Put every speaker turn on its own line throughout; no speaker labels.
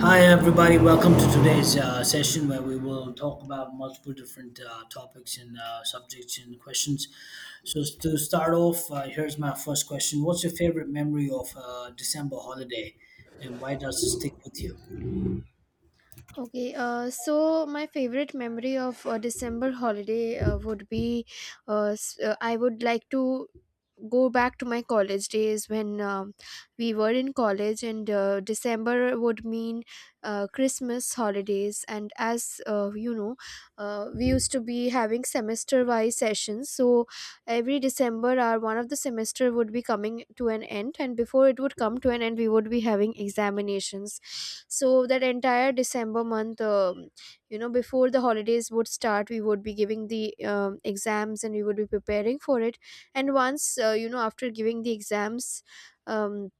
Hi, everybody. Welcome to today's session where we will talk about multiple different topics and subjects and questions. To start off, here's my first question. What's your favorite memory of December holiday and why does it stick with you?
Okay, so my favorite memory of December holiday would be I would like to go back to my college days when we were in college, and December would mean Christmas holidays. And as you know, we used to be having semester wise sessions, so every December our one of the semester would be coming to an end, and before it would come to an end we would be having examinations, so that entire December month, you know, before the holidays would start we would be giving the exams and we would be preparing for it. And once, you know, after giving the exams, um,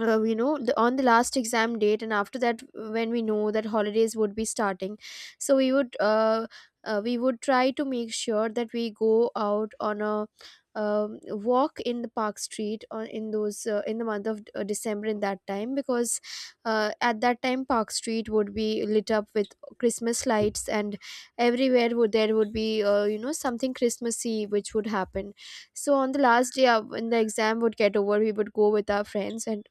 you know, on the last exam date, and after that when we know that holidays would be starting, so we would try to make sure that we go out on a walk in the park street on in those in the month of December in that time, because at that time park street would be lit up with Christmas lights, and everywhere would there would be, you know, something Christmassy which would happen. So on the last day, when the exam would get over, we would go with our friends and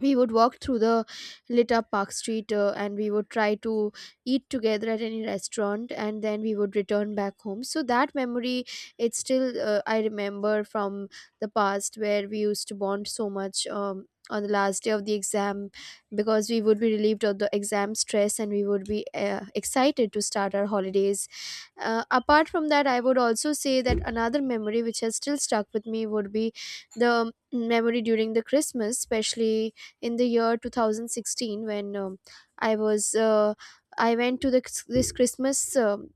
we would walk through the lit up park street, and we would try to eat together at any restaurant and then we would return back home. So that memory, it's still, I remember from the past where we used to bond so much on the last day of the exam, because we would be relieved of the exam stress and we would be excited to start our holidays. Apart from that, I would also say that another memory which has still stuck with me would be the memory during the Christmas, especially in the year 2016, when i was uh, I went to this Christmas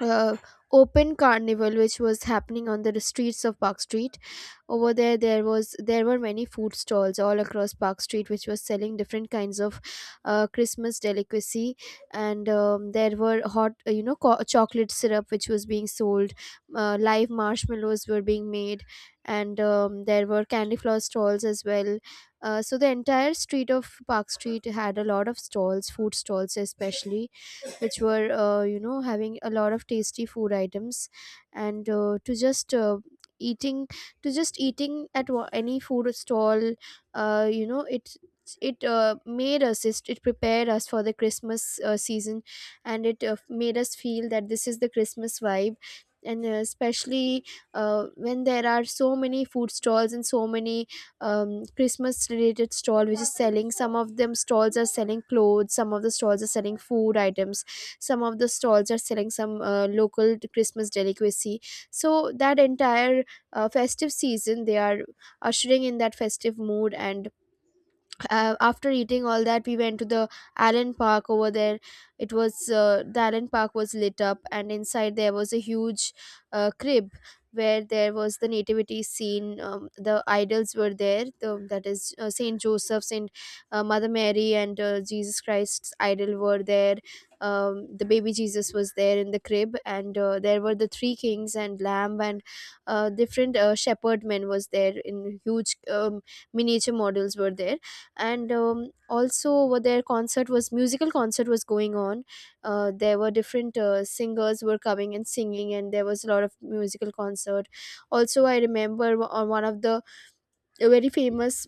uh, open carnival which was happening on the streets of park street. Over there, there was there were many food stalls all across park street which was selling different kinds of Christmas delicacy. And there were hot, you know, chocolate syrup which was being sold, live marshmallows were being made, and there were candy floss stalls as well. So the entire street of park street had a lot of stalls, food stalls especially, which were, you know, having a lot of tasty food items. And eating to just eating at any food stall, you know, it prepared us for the Christmas season, and it made us feel that this is the Christmas vibe. And especially when there are so many food stalls and so many Christmas related stall which is selling, some of them stalls are selling clothes, some of the stalls are selling food items, some of the stalls are selling some local Christmas delicacy. So that entire festive season, they are ushering in that festive mood. And after eating all that, we went to the island park. Over there it was, the island park was lit up, and inside there was a huge crib where there was the nativity scene. The idols were there, that is, Saint Joseph's and Mother Mary and Jesus Christ's idol were there. The baby Jesus was there in the crib, and there were the three kings and lamb and different shepherd men was there, in huge miniature models were there. And also over there, concert was musical concert was going on. There were different singers were coming and singing, and there was a lot of musical concert. Also, I remember on one of the very famous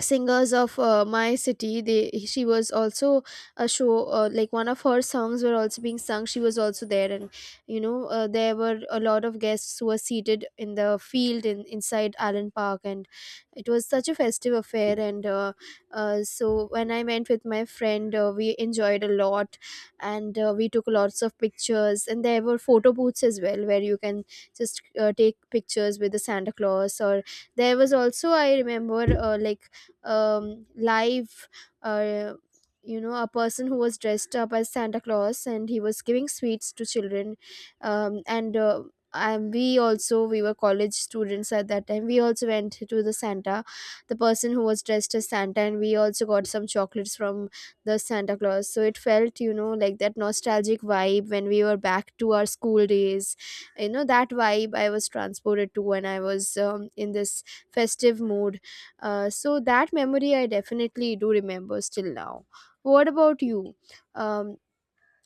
singers of my city, they she was also a show, like one of her songs were also being sung, she was also there. And you know, there were a lot of guests who were seated in the field in inside Allen Park, and it was such a festive affair. And so when I went with my friend, we enjoyed a lot. And we took lots of pictures, and there were photo booths as well, where you can just take pictures with the Santa Claus. Or there was also, I remember, like live, uh, you know, a person who was dressed up as Santa Claus and he was giving sweets to children. Um, and uh, and we were college students at that time. We also went to the Santa, the person who was dressed as Santa, and we also got some chocolates from the Santa Claus. So it felt, you know, like that nostalgic vibe when we were back to our school days, you know, that vibe I was transported to when I was in this festive mood. So that memory, I definitely do remember still now. What about you? Um,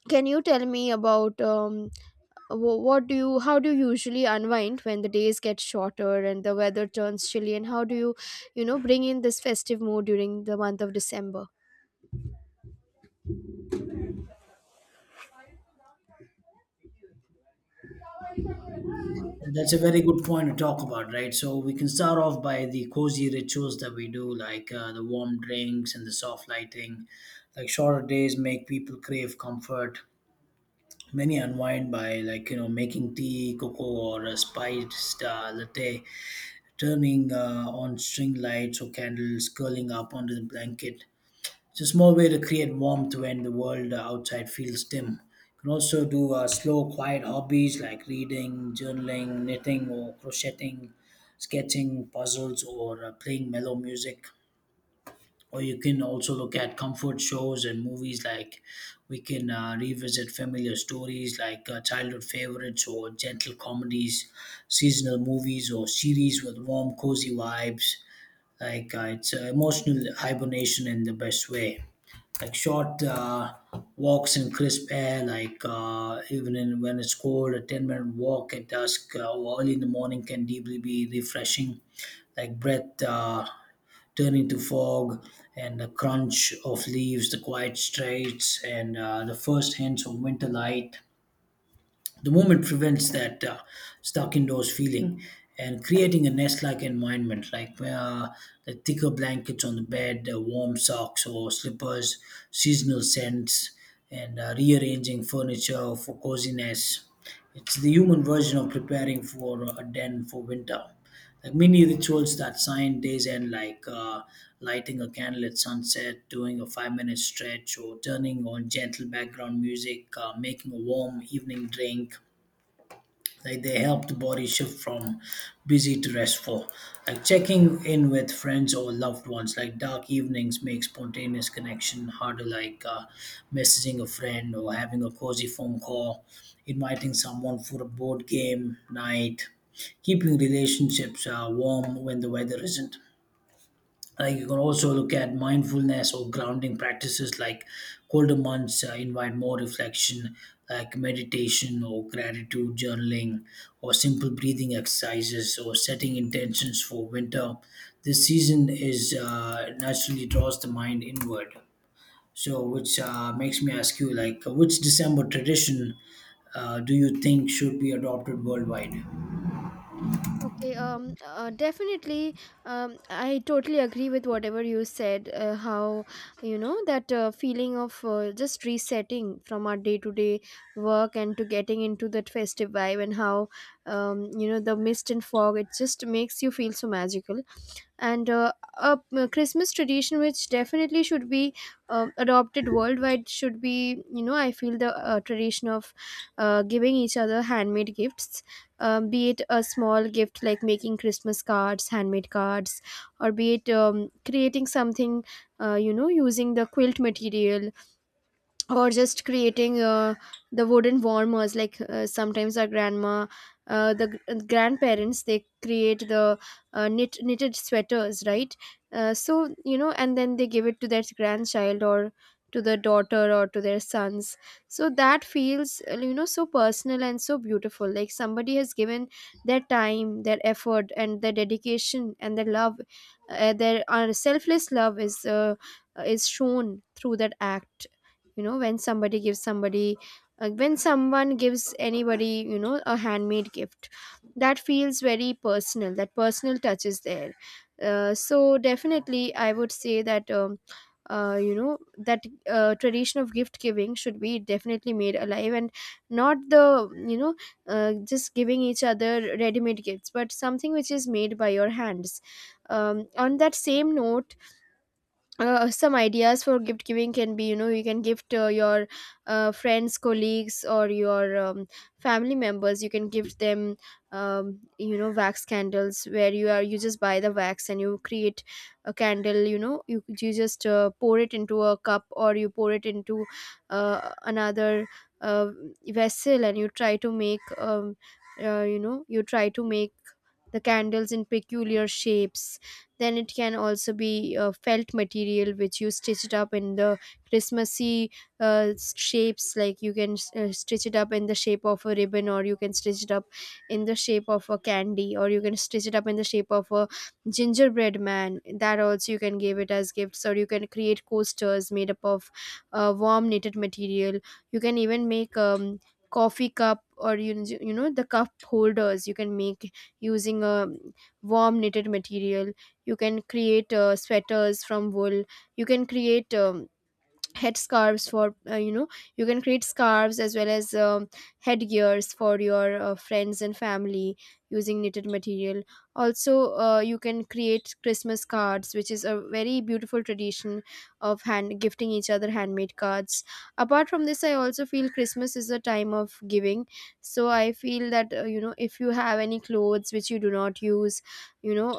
can you tell me about, what do you, how do you usually unwind when the days get shorter and the weather turns chilly, and how do you, you know, bring in this festive mood during the month of December?
And that's a very good point to talk about, right? So, we can start off by the cozy rituals that we do, like the warm drinks and the soft lighting. Like, shorter days make people crave comfort. Many unwind by like you know making tea, cocoa, or a spiced latte, turning on string lights or candles, curling up under the blanket. It's a small way to create warmth when the world outside feels dim. You can also do slow, quiet hobbies like reading, journaling, knitting, or crocheting, sketching, puzzles, or playing mellow music, or you can also look at comfort shows and movies. Like we can revisit familiar stories like childhood favorites or gentle comedies, seasonal movies or series with warm cozy vibes. Like it's emotional hibernation in the best way, like short walks in crisp air. Even when it's cold, a 10-minute walk at dusk or early in the morning can deeply be refreshing, like breath turning to fog and the crunch of leaves, the quiet streets, and the first hints of winter light. The movement prevents that stuck indoors feeling, and creating a nest like environment, like the thicker blankets on the bed, warm socks or slippers, seasonal scents, and rearranging furniture for coziness. It's the human version of preparing for a den for winter. Like mini rituals that sign days end, like lighting a candle at sunset, doing a 5 minute stretch, or turning on gentle background music, making a warm evening drink. Like they help the body shift from busy to restful, like checking in with friends or loved ones. Like dark evenings make spontaneous connection harder, like messaging a friend or having a cozy phone call, inviting someone for a board game night, keeping relationships warm when the weather isn't. You can also look at mindfulness or grounding practices, like colder months invite more reflection, like meditation or gratitude journaling, or simple breathing exercises, or setting intentions for winter. This season is naturally draws the mind inward. So, which makes me ask you, like, which December tradition do you think should be adopted worldwide?
Okay, Definitely, I totally agree with whatever you said. How, you know, that feeling of just resetting from our day-to-day work and to getting into that festive vibe, and how, you know, the mist and fog, it just makes you feel so magical. And a a Christmas tradition which definitely should be adopted worldwide should be, you know, I feel the tradition of giving each other handmade gifts, be it a small gift like making Christmas cards, handmade cards, or be it creating something, you know, using the quilt material, or just creating the wooden warmers, like sometimes our grandma, grandparents, they create the knitted sweaters, right? So, you know, and then they give it to their grandchild, or to their daughter, or to their sons. So that feels, you know, so personal and so beautiful, like somebody has given their time, their effort and their dedication and their love. Their Selfless love is, is shown through that act. You know, when somebody gives somebody, when someone gives anybody, you know, a handmade gift, that feels very personal, that personal touch is there. So definitely I would say that, you know, that tradition of gift giving should be definitely made alive, and not the, you know, just giving each other ready made gifts, but something which is made by your hands. On that same note, some ideas for gift giving can be, you know, you can gift your friends, colleagues, or your family members, you can gift them you know, wax candles, where you are, you just buy the wax and you create a candle. You know, you just pour it into a cup, or you pour it into another uh, vessel, and you try to make, you know, you try to make the candles in peculiar shapes. Then it can also be felt material which you stitch it up in the Christmassy shapes. Like you can stitch it up in the shape of a ribbon, or you can stitch it up in the shape of a candy, or you can stitch it up in the shape of a gingerbread man. That also you can give it as gifts, or you can create coasters made up of warm knitted material. You can even make coffee cup, or you know the cup holders you can make using a warm knitted material. You can create sweaters from wool. You can create head scarves for you can create scarves as well as headgears for your friends and family using knitted material. Also you can create Christmas cards, which is a very beautiful tradition of hand gifting each other handmade cards. Apart from this, I also feel Christmas is a time of giving. So I feel that if you have any clothes which you do not use, you know,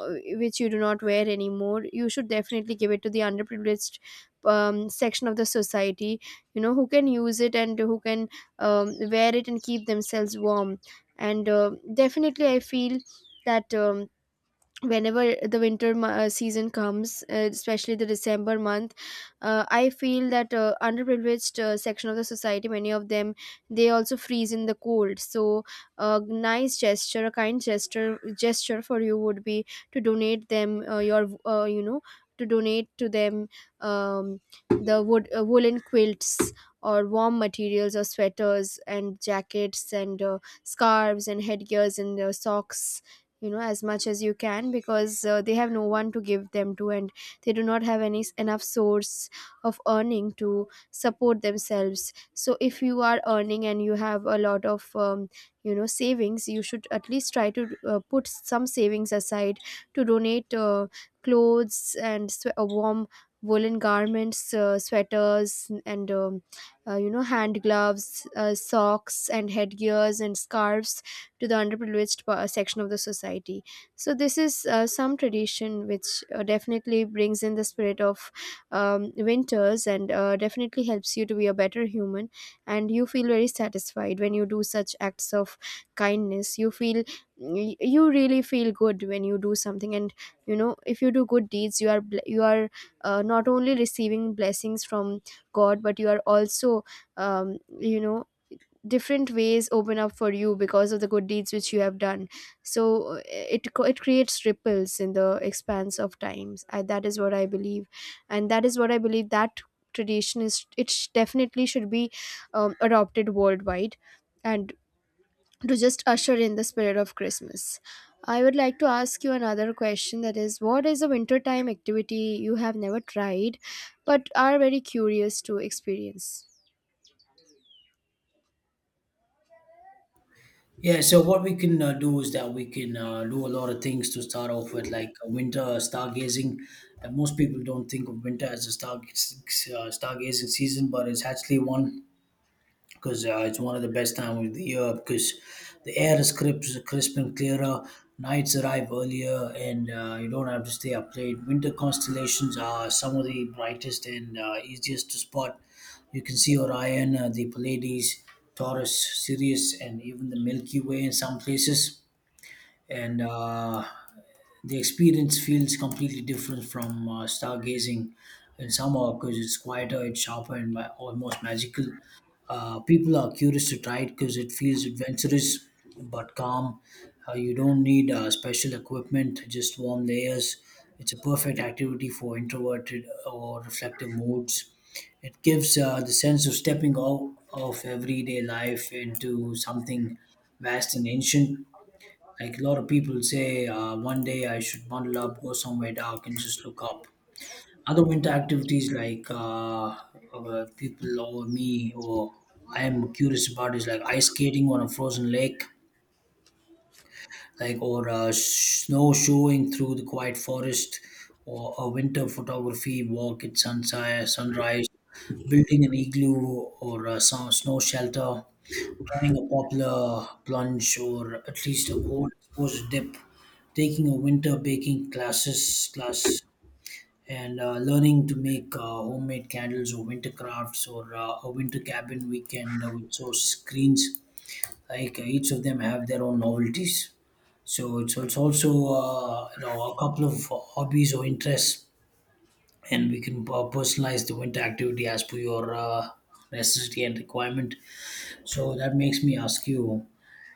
which you do not wear anymore, you should definitely give it to the underprivileged section of the society, you know, who can use it and who can wear it and keep themselves warm. And definitely I feel that whenever the winter season comes, especially the December month, I feel that underprivileged section of the society, many of them, they also freeze in the cold. So a nice gesture, a kind gesture, gesture for you would be to donate them your you know to donate to them um, the wood woolen quilts or warm materials or sweaters and jackets and scarves and headgears and socks, you know, as much as you can, because they have no one to give them to, and they do not have any enough source of earning to support themselves. So if you are earning and you have a lot of savings, you should at least try to put some savings aside to donate clothes and warm woolen garments, sweaters and hand gloves, socks and headgears and scarves to the underprivileged section of the society. So this is some tradition which definitely brings in the spirit of winters and definitely helps you to be a better human. And you feel very satisfied when you do such acts of kindness. You feel you really feel good when you do something. And you know, if you do good deeds, you are you are not only receiving blessings from God, but you are also um, you know different ways open up for you because of the good deeds which you have done. So it creates ripples in the expanse of times. That is what I believe, and that is what I believe, that tradition is, it definitely should be adopted worldwide, and to just usher in the spirit of Christmas. I would like to ask you another question, that is, what is a wintertime activity you have never tried but are very curious to experience?
Yeah, so what we can do is that we can do a lot of things to start off with, like winter stargazing. And most people don't think of winter as a stargazing season, but it's actually one, because it's one of the best times of the year because the air is crisp and clearer. Nights arrive earlier, and you don't have to stay up late. Winter constellations are some of the brightest and easiest to spot. You can see Orion, the Pleiades, Taurus, Sirius, and even the Milky Way in some places. And the experience feels completely different from stargazing in summer because it's quieter, it's sharper, and almost magical. People are curious to try it because it feels adventurous but calm. You don't need special equipment, just warm layers. It's a perfect activity for introverted or reflective moods. It gives the sense of stepping out of everyday life into something vast and ancient. Like a lot of people say, one day I should bundle up, go somewhere dark, and just look up. Other winter activities like people or me or I am curious about is like ice skating on a frozen lake, like or snowshoeing through the quiet forest, or a winter photography walk at sunset, sunrise, building an igloo or a snow shelter, trying a popular plunge or at least a cold exposure dip, taking a winter baking class, and learning to make homemade candles or winter crafts or a winter cabin weekend with source screens. Like each of them have their own novelties, so it's also you know a couple of hobbies or interests, and we can personalize the winter activity as per your necessity and requirement. So that makes me ask you,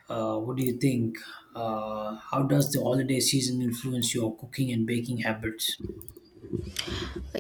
what do you think, how does the holiday season influence your cooking and baking habits?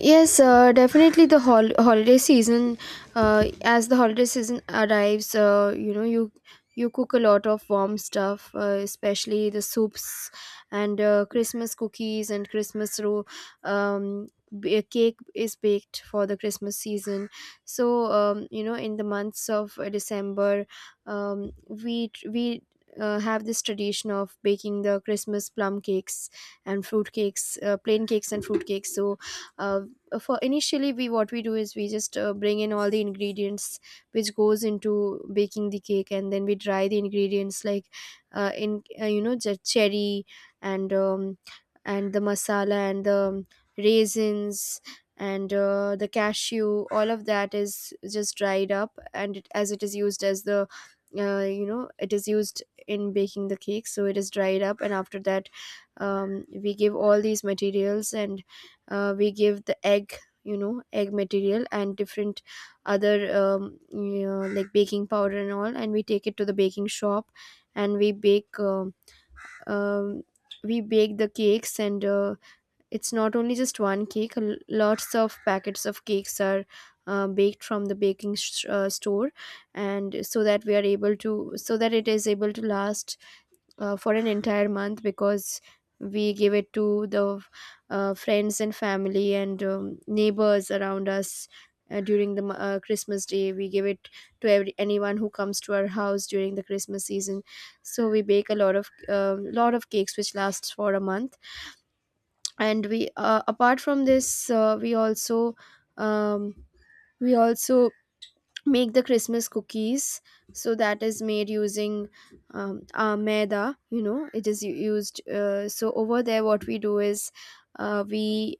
Yes, definitely the holiday season. As the holiday season arrives, you know, you cook a lot of warm stuff, especially the soups and Christmas cookies and Christmas roll. Um, cake is baked for the Christmas season. So you know, in the months of December, we have this tradition of baking the Christmas plum cakes and fruit cakes, plain cakes and fruit cakes. So, uh, for initially, we what we do is we just bring in all the ingredients which goes into baking the cake. And then we dry the ingredients, like in you know the cherry and um, and the masala and the raisins and the cashew. All of that is just dried up and as it is used as the it is used in baking the cake, so it is dried up. And after that, we give all these materials, and we give the egg, you know, egg material, and different other like baking powder and all, and we take it to the baking shop, and um, we bake the cakes. And it's not only just one cake, lots of packets of cakes are baked from the baking store, and so that we are able to, so that it is able to last for an entire month, because we give it to the friends and family and neighbors around us. During the Christmas day, we give it to every, anyone who comes to our house during the Christmas season. So we bake a lot of cakes which lasts for a month. And we apart from this um, we also make the Christmas cookies. So that is made using maida, you know, it is used. So over there, what we do is we,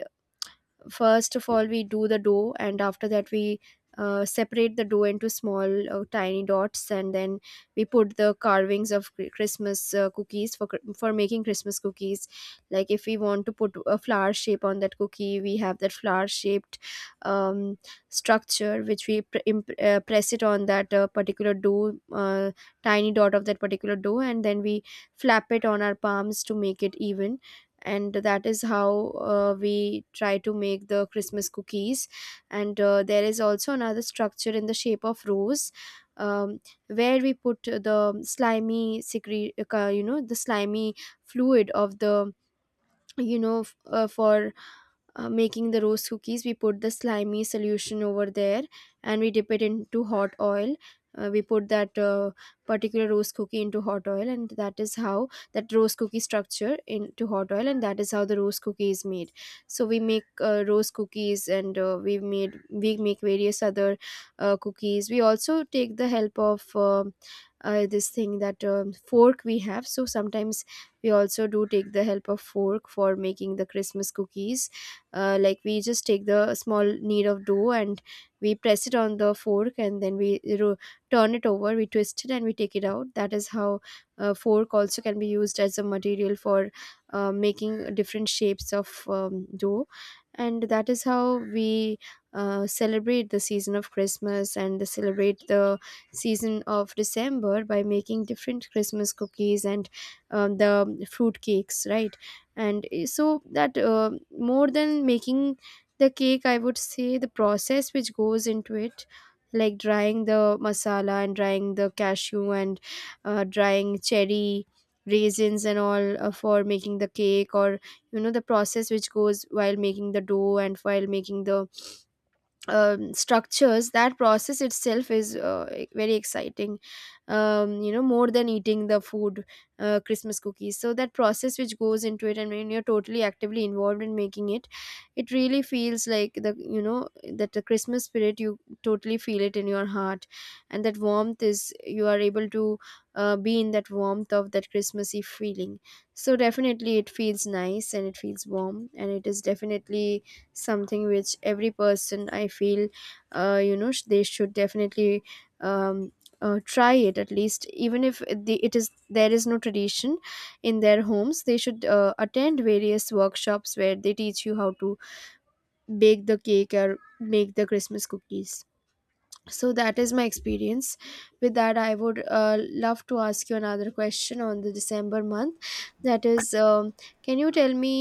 first of all, we do the dough, and after that we separate the dough into small tiny dots, and then we put the carvings of Christmas cookies, for for making Christmas cookies. Like, if we want to put a flower shape on that cookie, we have that flower shaped um, structure, which we press it on that particular dough, tiny dot of that particular dough, and then we flap it on our palms to make it even. And that is how we try to make the Christmas cookies. And there is also another structure in the shape of rose, um, where we put the slimy secret, you know, the slimy fluid of the, you know, for making the roast cookies, we put the slimy solution over there, and we dip it into hot oil. We put that particular roast cookie into hot oil, and that is how that roast cookie structure into hot oil, and that is how the roast cookie is made. So we make roast cookies, and we make various other cookies. We also take the help of this thing that fork we have. So sometimes we also do take the help of fork for making the Christmas cookies. Like, we just take the small knead of dough, and we press it on the fork, and then we turn it over, we twist it and we take it out. That is how fork also can be used as a material for making different shapes of dough. And that is how we celebrate the season of Christmas, and the celebrate the season of December by making different Christmas cookies and the fruit cakes, right? And eh, so that more than making the cake, I would say the process which goes into it, like drying the masala and drying the cashew and drying cherry, raisins and all, for making the cake, or you know, the process which goes while making the dough and while making the structures, that process itself is very exciting. You know, more than eating the food, Christmas cookies, so that process which goes into it, and when you're totally actively involved in making it, it really feels like the, you know, that the Christmas spirit, you totally feel it in your heart, and that warmth is, you are able to be in that warmth of that Christmassy feeling. So definitely it feels nice and it feels warm, and it is definitely something which every person, I feel, they should definitely um, try it at least, even if it is, there is no tradition in their homes, they should attend various workshops where they teach you how to bake the cake or make the Christmas cookies. So that is my experience. With that, I would love to ask you another question on the December month, that is, can you tell me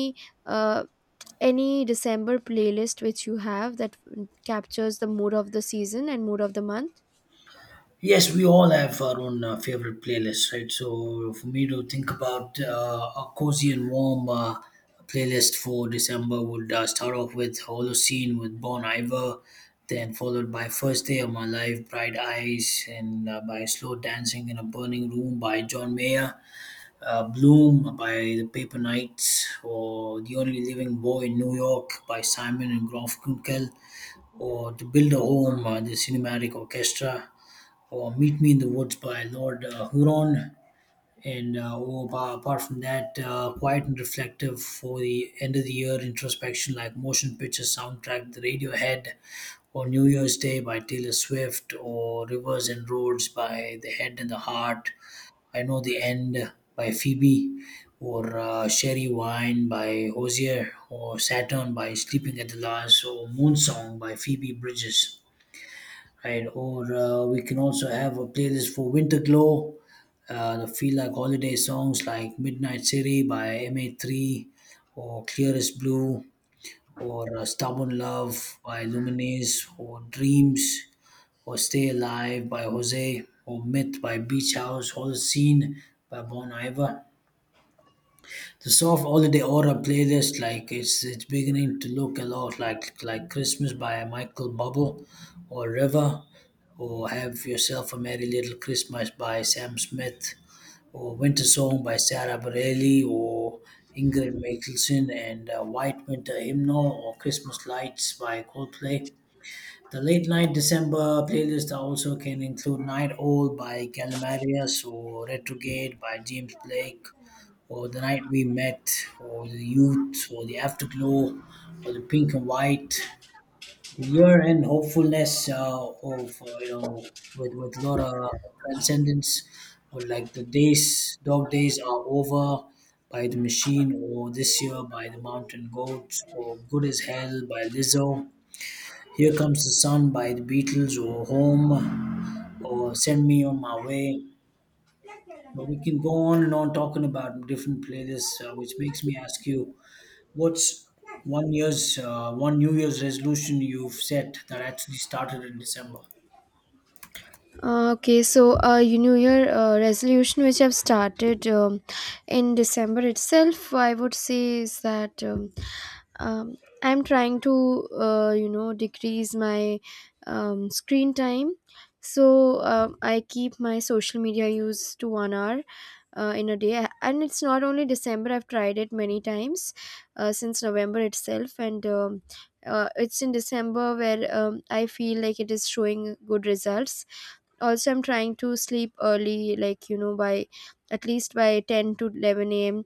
uh, any December playlist which you have, that captures the mood of the season and mood of the month?
Yes, we all have our own favorite playlists, right? So for me to think about a cozy and warm playlist for December would start off with Holocene with Bon Iver, then followed by First Day of My Life, Bright Eyes, and by Slow Dancing in a Burning Room by John Mayer, Bloom by The Paper Knights, or The Only Living Boy in New York by Simon and Garfunkel, or To Build a Home, the Cinematic Orchestra, or Meet Me in the Woods by Lord Huron. And apart from that, quiet and reflective for the end of the year introspection, like Motion Picture Soundtrack, The Radiohead, or New Year's Day by Taylor Swift, or Rivers and Roads by The Head and the Heart. I Know the End by Phoebe, or Sherry Wine by Hozier, or Saturn by Sleeping at the Last, or Moon Song by Phoebe Bridges, right? Or we can also have a playlist for Winter Glow, the feel like holiday songs like Midnight City by MA3, or Clearest Blue, or Stubborn Love by Luminaise, or Dreams, or Stay Alive by Jose, or Myth by Beach House, Whole Scene by Bon Iver. The soft holiday aura playlist, like it's beginning to look a lot like Christmas by Michael Bubble, or River, or Have Yourself a Merry Little Christmas by Sam Smith, or Winter Song by Sarah Bareilles, or Ingrid Michaelson, and White Winter Hymnal, or Christmas Lights by Coldplay. The late night December playlist also can include Night Owl by Calamaris, or Retrograde by James Blake, or The Night We Met, or The Youth, or The Afterglow, or The Pink and White. The Year End Hopefulness you know, with Laura Transcendence, or like The Days, Dog Days Are Over by The Machine, or This Year by The Mountain Goats, or Good as Hell by Lizzo, Here Comes the Sun by the Beatles, or Home, or Send Me On My Way. But we can go on and on talking about different playlists, which makes me ask you, what's one New Year's resolution you've set that actually started in December?
Okay, so you know, your resolution which I've started in December itself, I would say is that um, I'm trying to you know, decrease my screen time. So I keep my social media use to 1 hour in a day. And it's not only December, I've tried it many times since November itself. And it's in December where I feel like it is showing good results. Also, I'm trying to sleep early, like, you know, by at least by 10 to 11 a.m.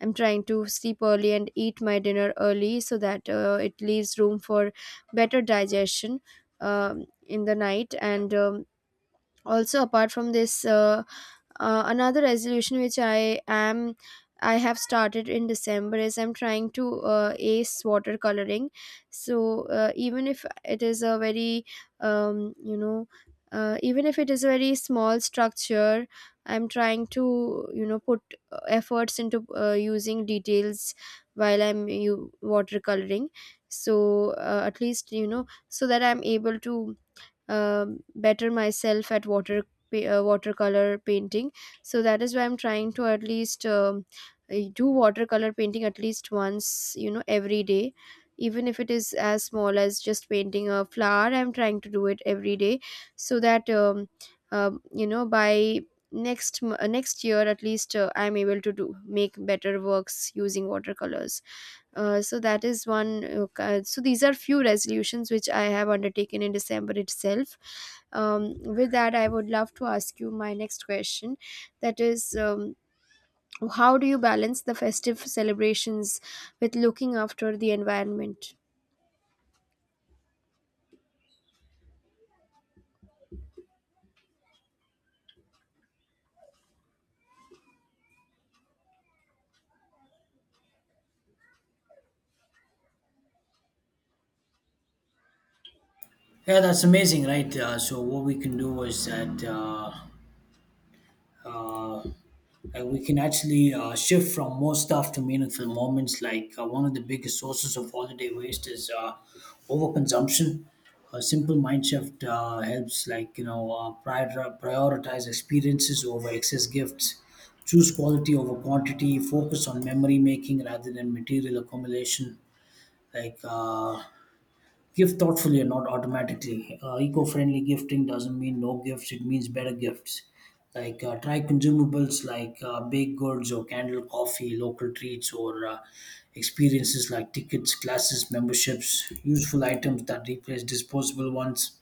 I'm trying to sleep early and eat my dinner early so that it leaves room for better digestion in the night. And also, apart from this, another resolution which I have started in December is I'm trying to ace watercoloring. So even if it is a very um, you know even if it is a very small structure, I'm trying to, you know, put efforts into using details while I'm you watercoloring. So at least, you know, so that I'm able to better myself at watercolor painting. So that is why I'm trying to at least do watercolor painting at least once, you know, every day. Even if it is as small as just painting a flower, I'm trying to do it every day, so that by next year at least, I'm able to do make better works using watercolors. So that is one. So these are few resolutions which I have undertaken in December itself. With that, I would love to ask you my next question. That is, how do you balance the festive celebrations with looking after the environment?
Yeah, that's amazing, right? So what we can do is that uh, like we can actually shift from more stuff to meaningful moments. Like one of the biggest sources of holiday waste is overconsumption. A simple mind shift helps, like you know, prioritize experiences over excess gifts, choose quality over quantity, focus on memory making rather than material accumulation. Like gift thoughtfully and not automatically. Eco-friendly gifting doesn't mean no gifts. It means better gifts. Like try consumables like baked goods or candle coffee, local treats, or experiences like tickets, classes, memberships, useful items that replace disposable ones,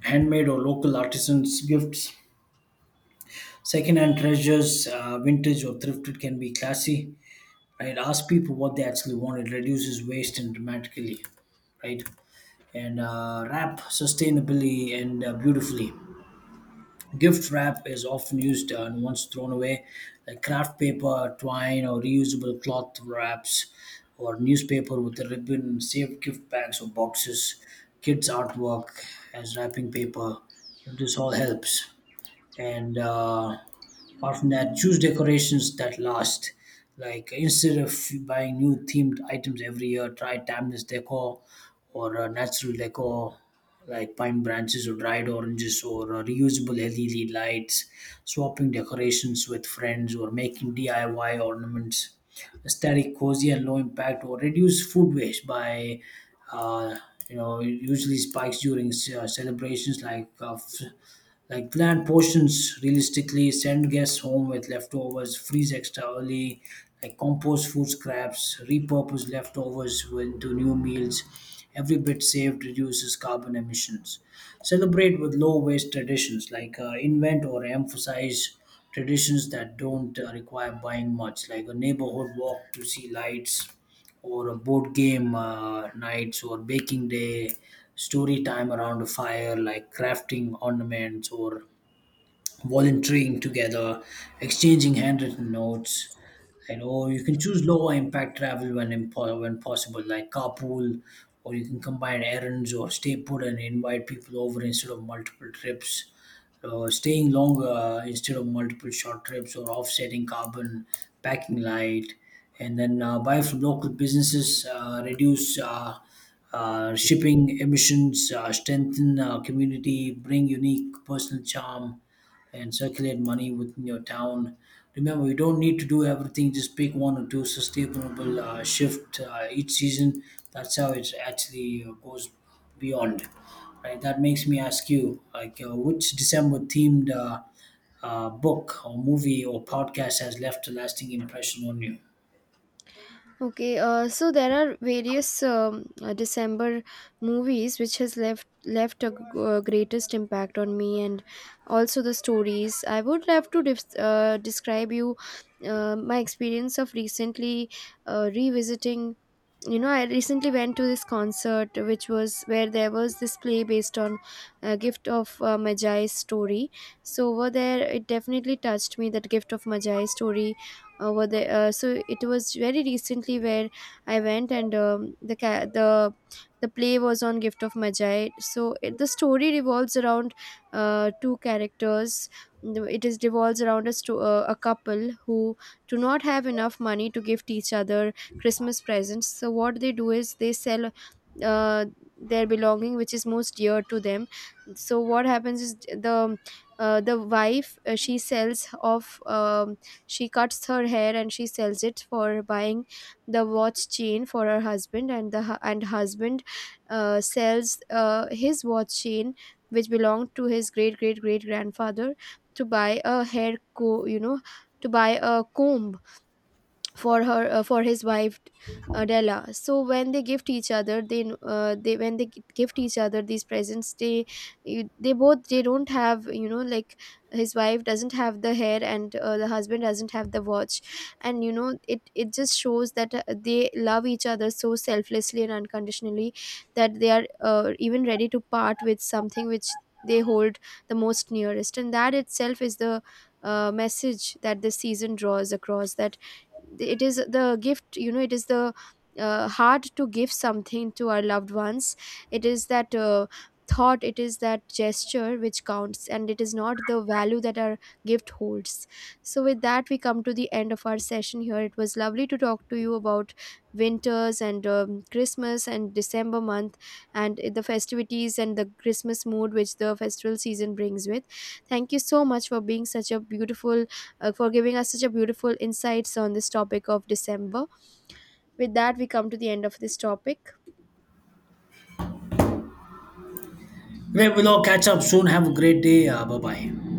handmade or local artisans' gifts. Secondhand treasures, vintage or thrifted, can be classy, right? Ask people what they actually want. It reduces waste and dramatically, right. And wrap sustainably and beautifully. Gift wrap is often used and once thrown away, like craft paper twine or reusable cloth wraps, or newspaper with a ribbon, saved gift bags or boxes, kids artwork as wrapping paper, this all helps. And apart from that, choose decorations that last, like instead of buying new themed items every year try timeless decor, or natural decor, like pine branches or dried oranges or reusable LED lights, swapping decorations with friends or making DIY ornaments, aesthetic cozy and low impact. Or reduce food waste by uh, you know, it usually spikes during celebrations, like like planned portions, realistically, send guests home with leftovers, freeze extra early, like compost food scraps, repurpose leftovers into new meals. Every bit saved reduces carbon emissions. Celebrate with low waste traditions, like invent or emphasize traditions that don't require buying much, like a neighborhood walk to see lights, or a board game nights, or baking day, story time around a fire, like crafting ornaments or volunteering together, exchanging handwritten notes. You know, you can choose lower impact travel when when possible, like carpool, or you can combine errands or stay put and invite people over instead of multiple trips. Staying longer instead of multiple short trips, or offsetting carbon, packing light, and then buy from local businesses, reduce shipping emissions, strengthen community, bring unique personal charm, and circulate money within your town. Remember, you don't need to do everything, just pick one or two sustainable shift each season. That's how it actually goes beyond. Right? That makes me ask you, like, which December themed book or movie or podcast has left a lasting impression on you?
Okay, so there are various December movies which has left left a greatest impact on me, and also the stories. I would love to describe you my experience of recently revisiting. You know, I recently went to this concert, which was where there was this play based on Gift of Magi's story. So over there, it definitely touched me, that Gift of Magi story over there. So it was very recently where I went, and the ca- the play was on Gift of Magi. So it, the story revolves around two characters. It is revolves around a couple who do not have enough money to gift each other Christmas presents. So what they do is they sell uh, their belonging, which is most dear to them. So what happens is the wife, she sells off she cuts her hair and she sells it for buying the watch chain for her husband. And the hu- and husband sells his watch chain, which belonged to his great great great grandfather, to buy a hair co you know to buy a comb for her for his wife, Della. So when they gift each other, they when they gift each other these presents, they they both, they don't have, you know, like, his wife doesn't have the hair, and the husband doesn't have the watch. And you know, it just shows that they love each other so selflessly and unconditionally, that they are even ready to part with something which they hold the most nearest. And that itself is the message that this season draws across, that it is the gift, you know, it is the hard to give something to our loved ones, it is that thought, it is that gesture which counts, and it is not the value that our gift holds. So with that, we come to the end of our session here. It was lovely to talk to you about winters and Christmas and December month, and the festivities and the Christmas mood which the festival season brings with. Thank you so much for being such a beautiful, for giving us such a beautiful insights on this topic of December. With that, we come to the end of this topic.
Great, we'll all catch up soon. Have a great day. Bye bye.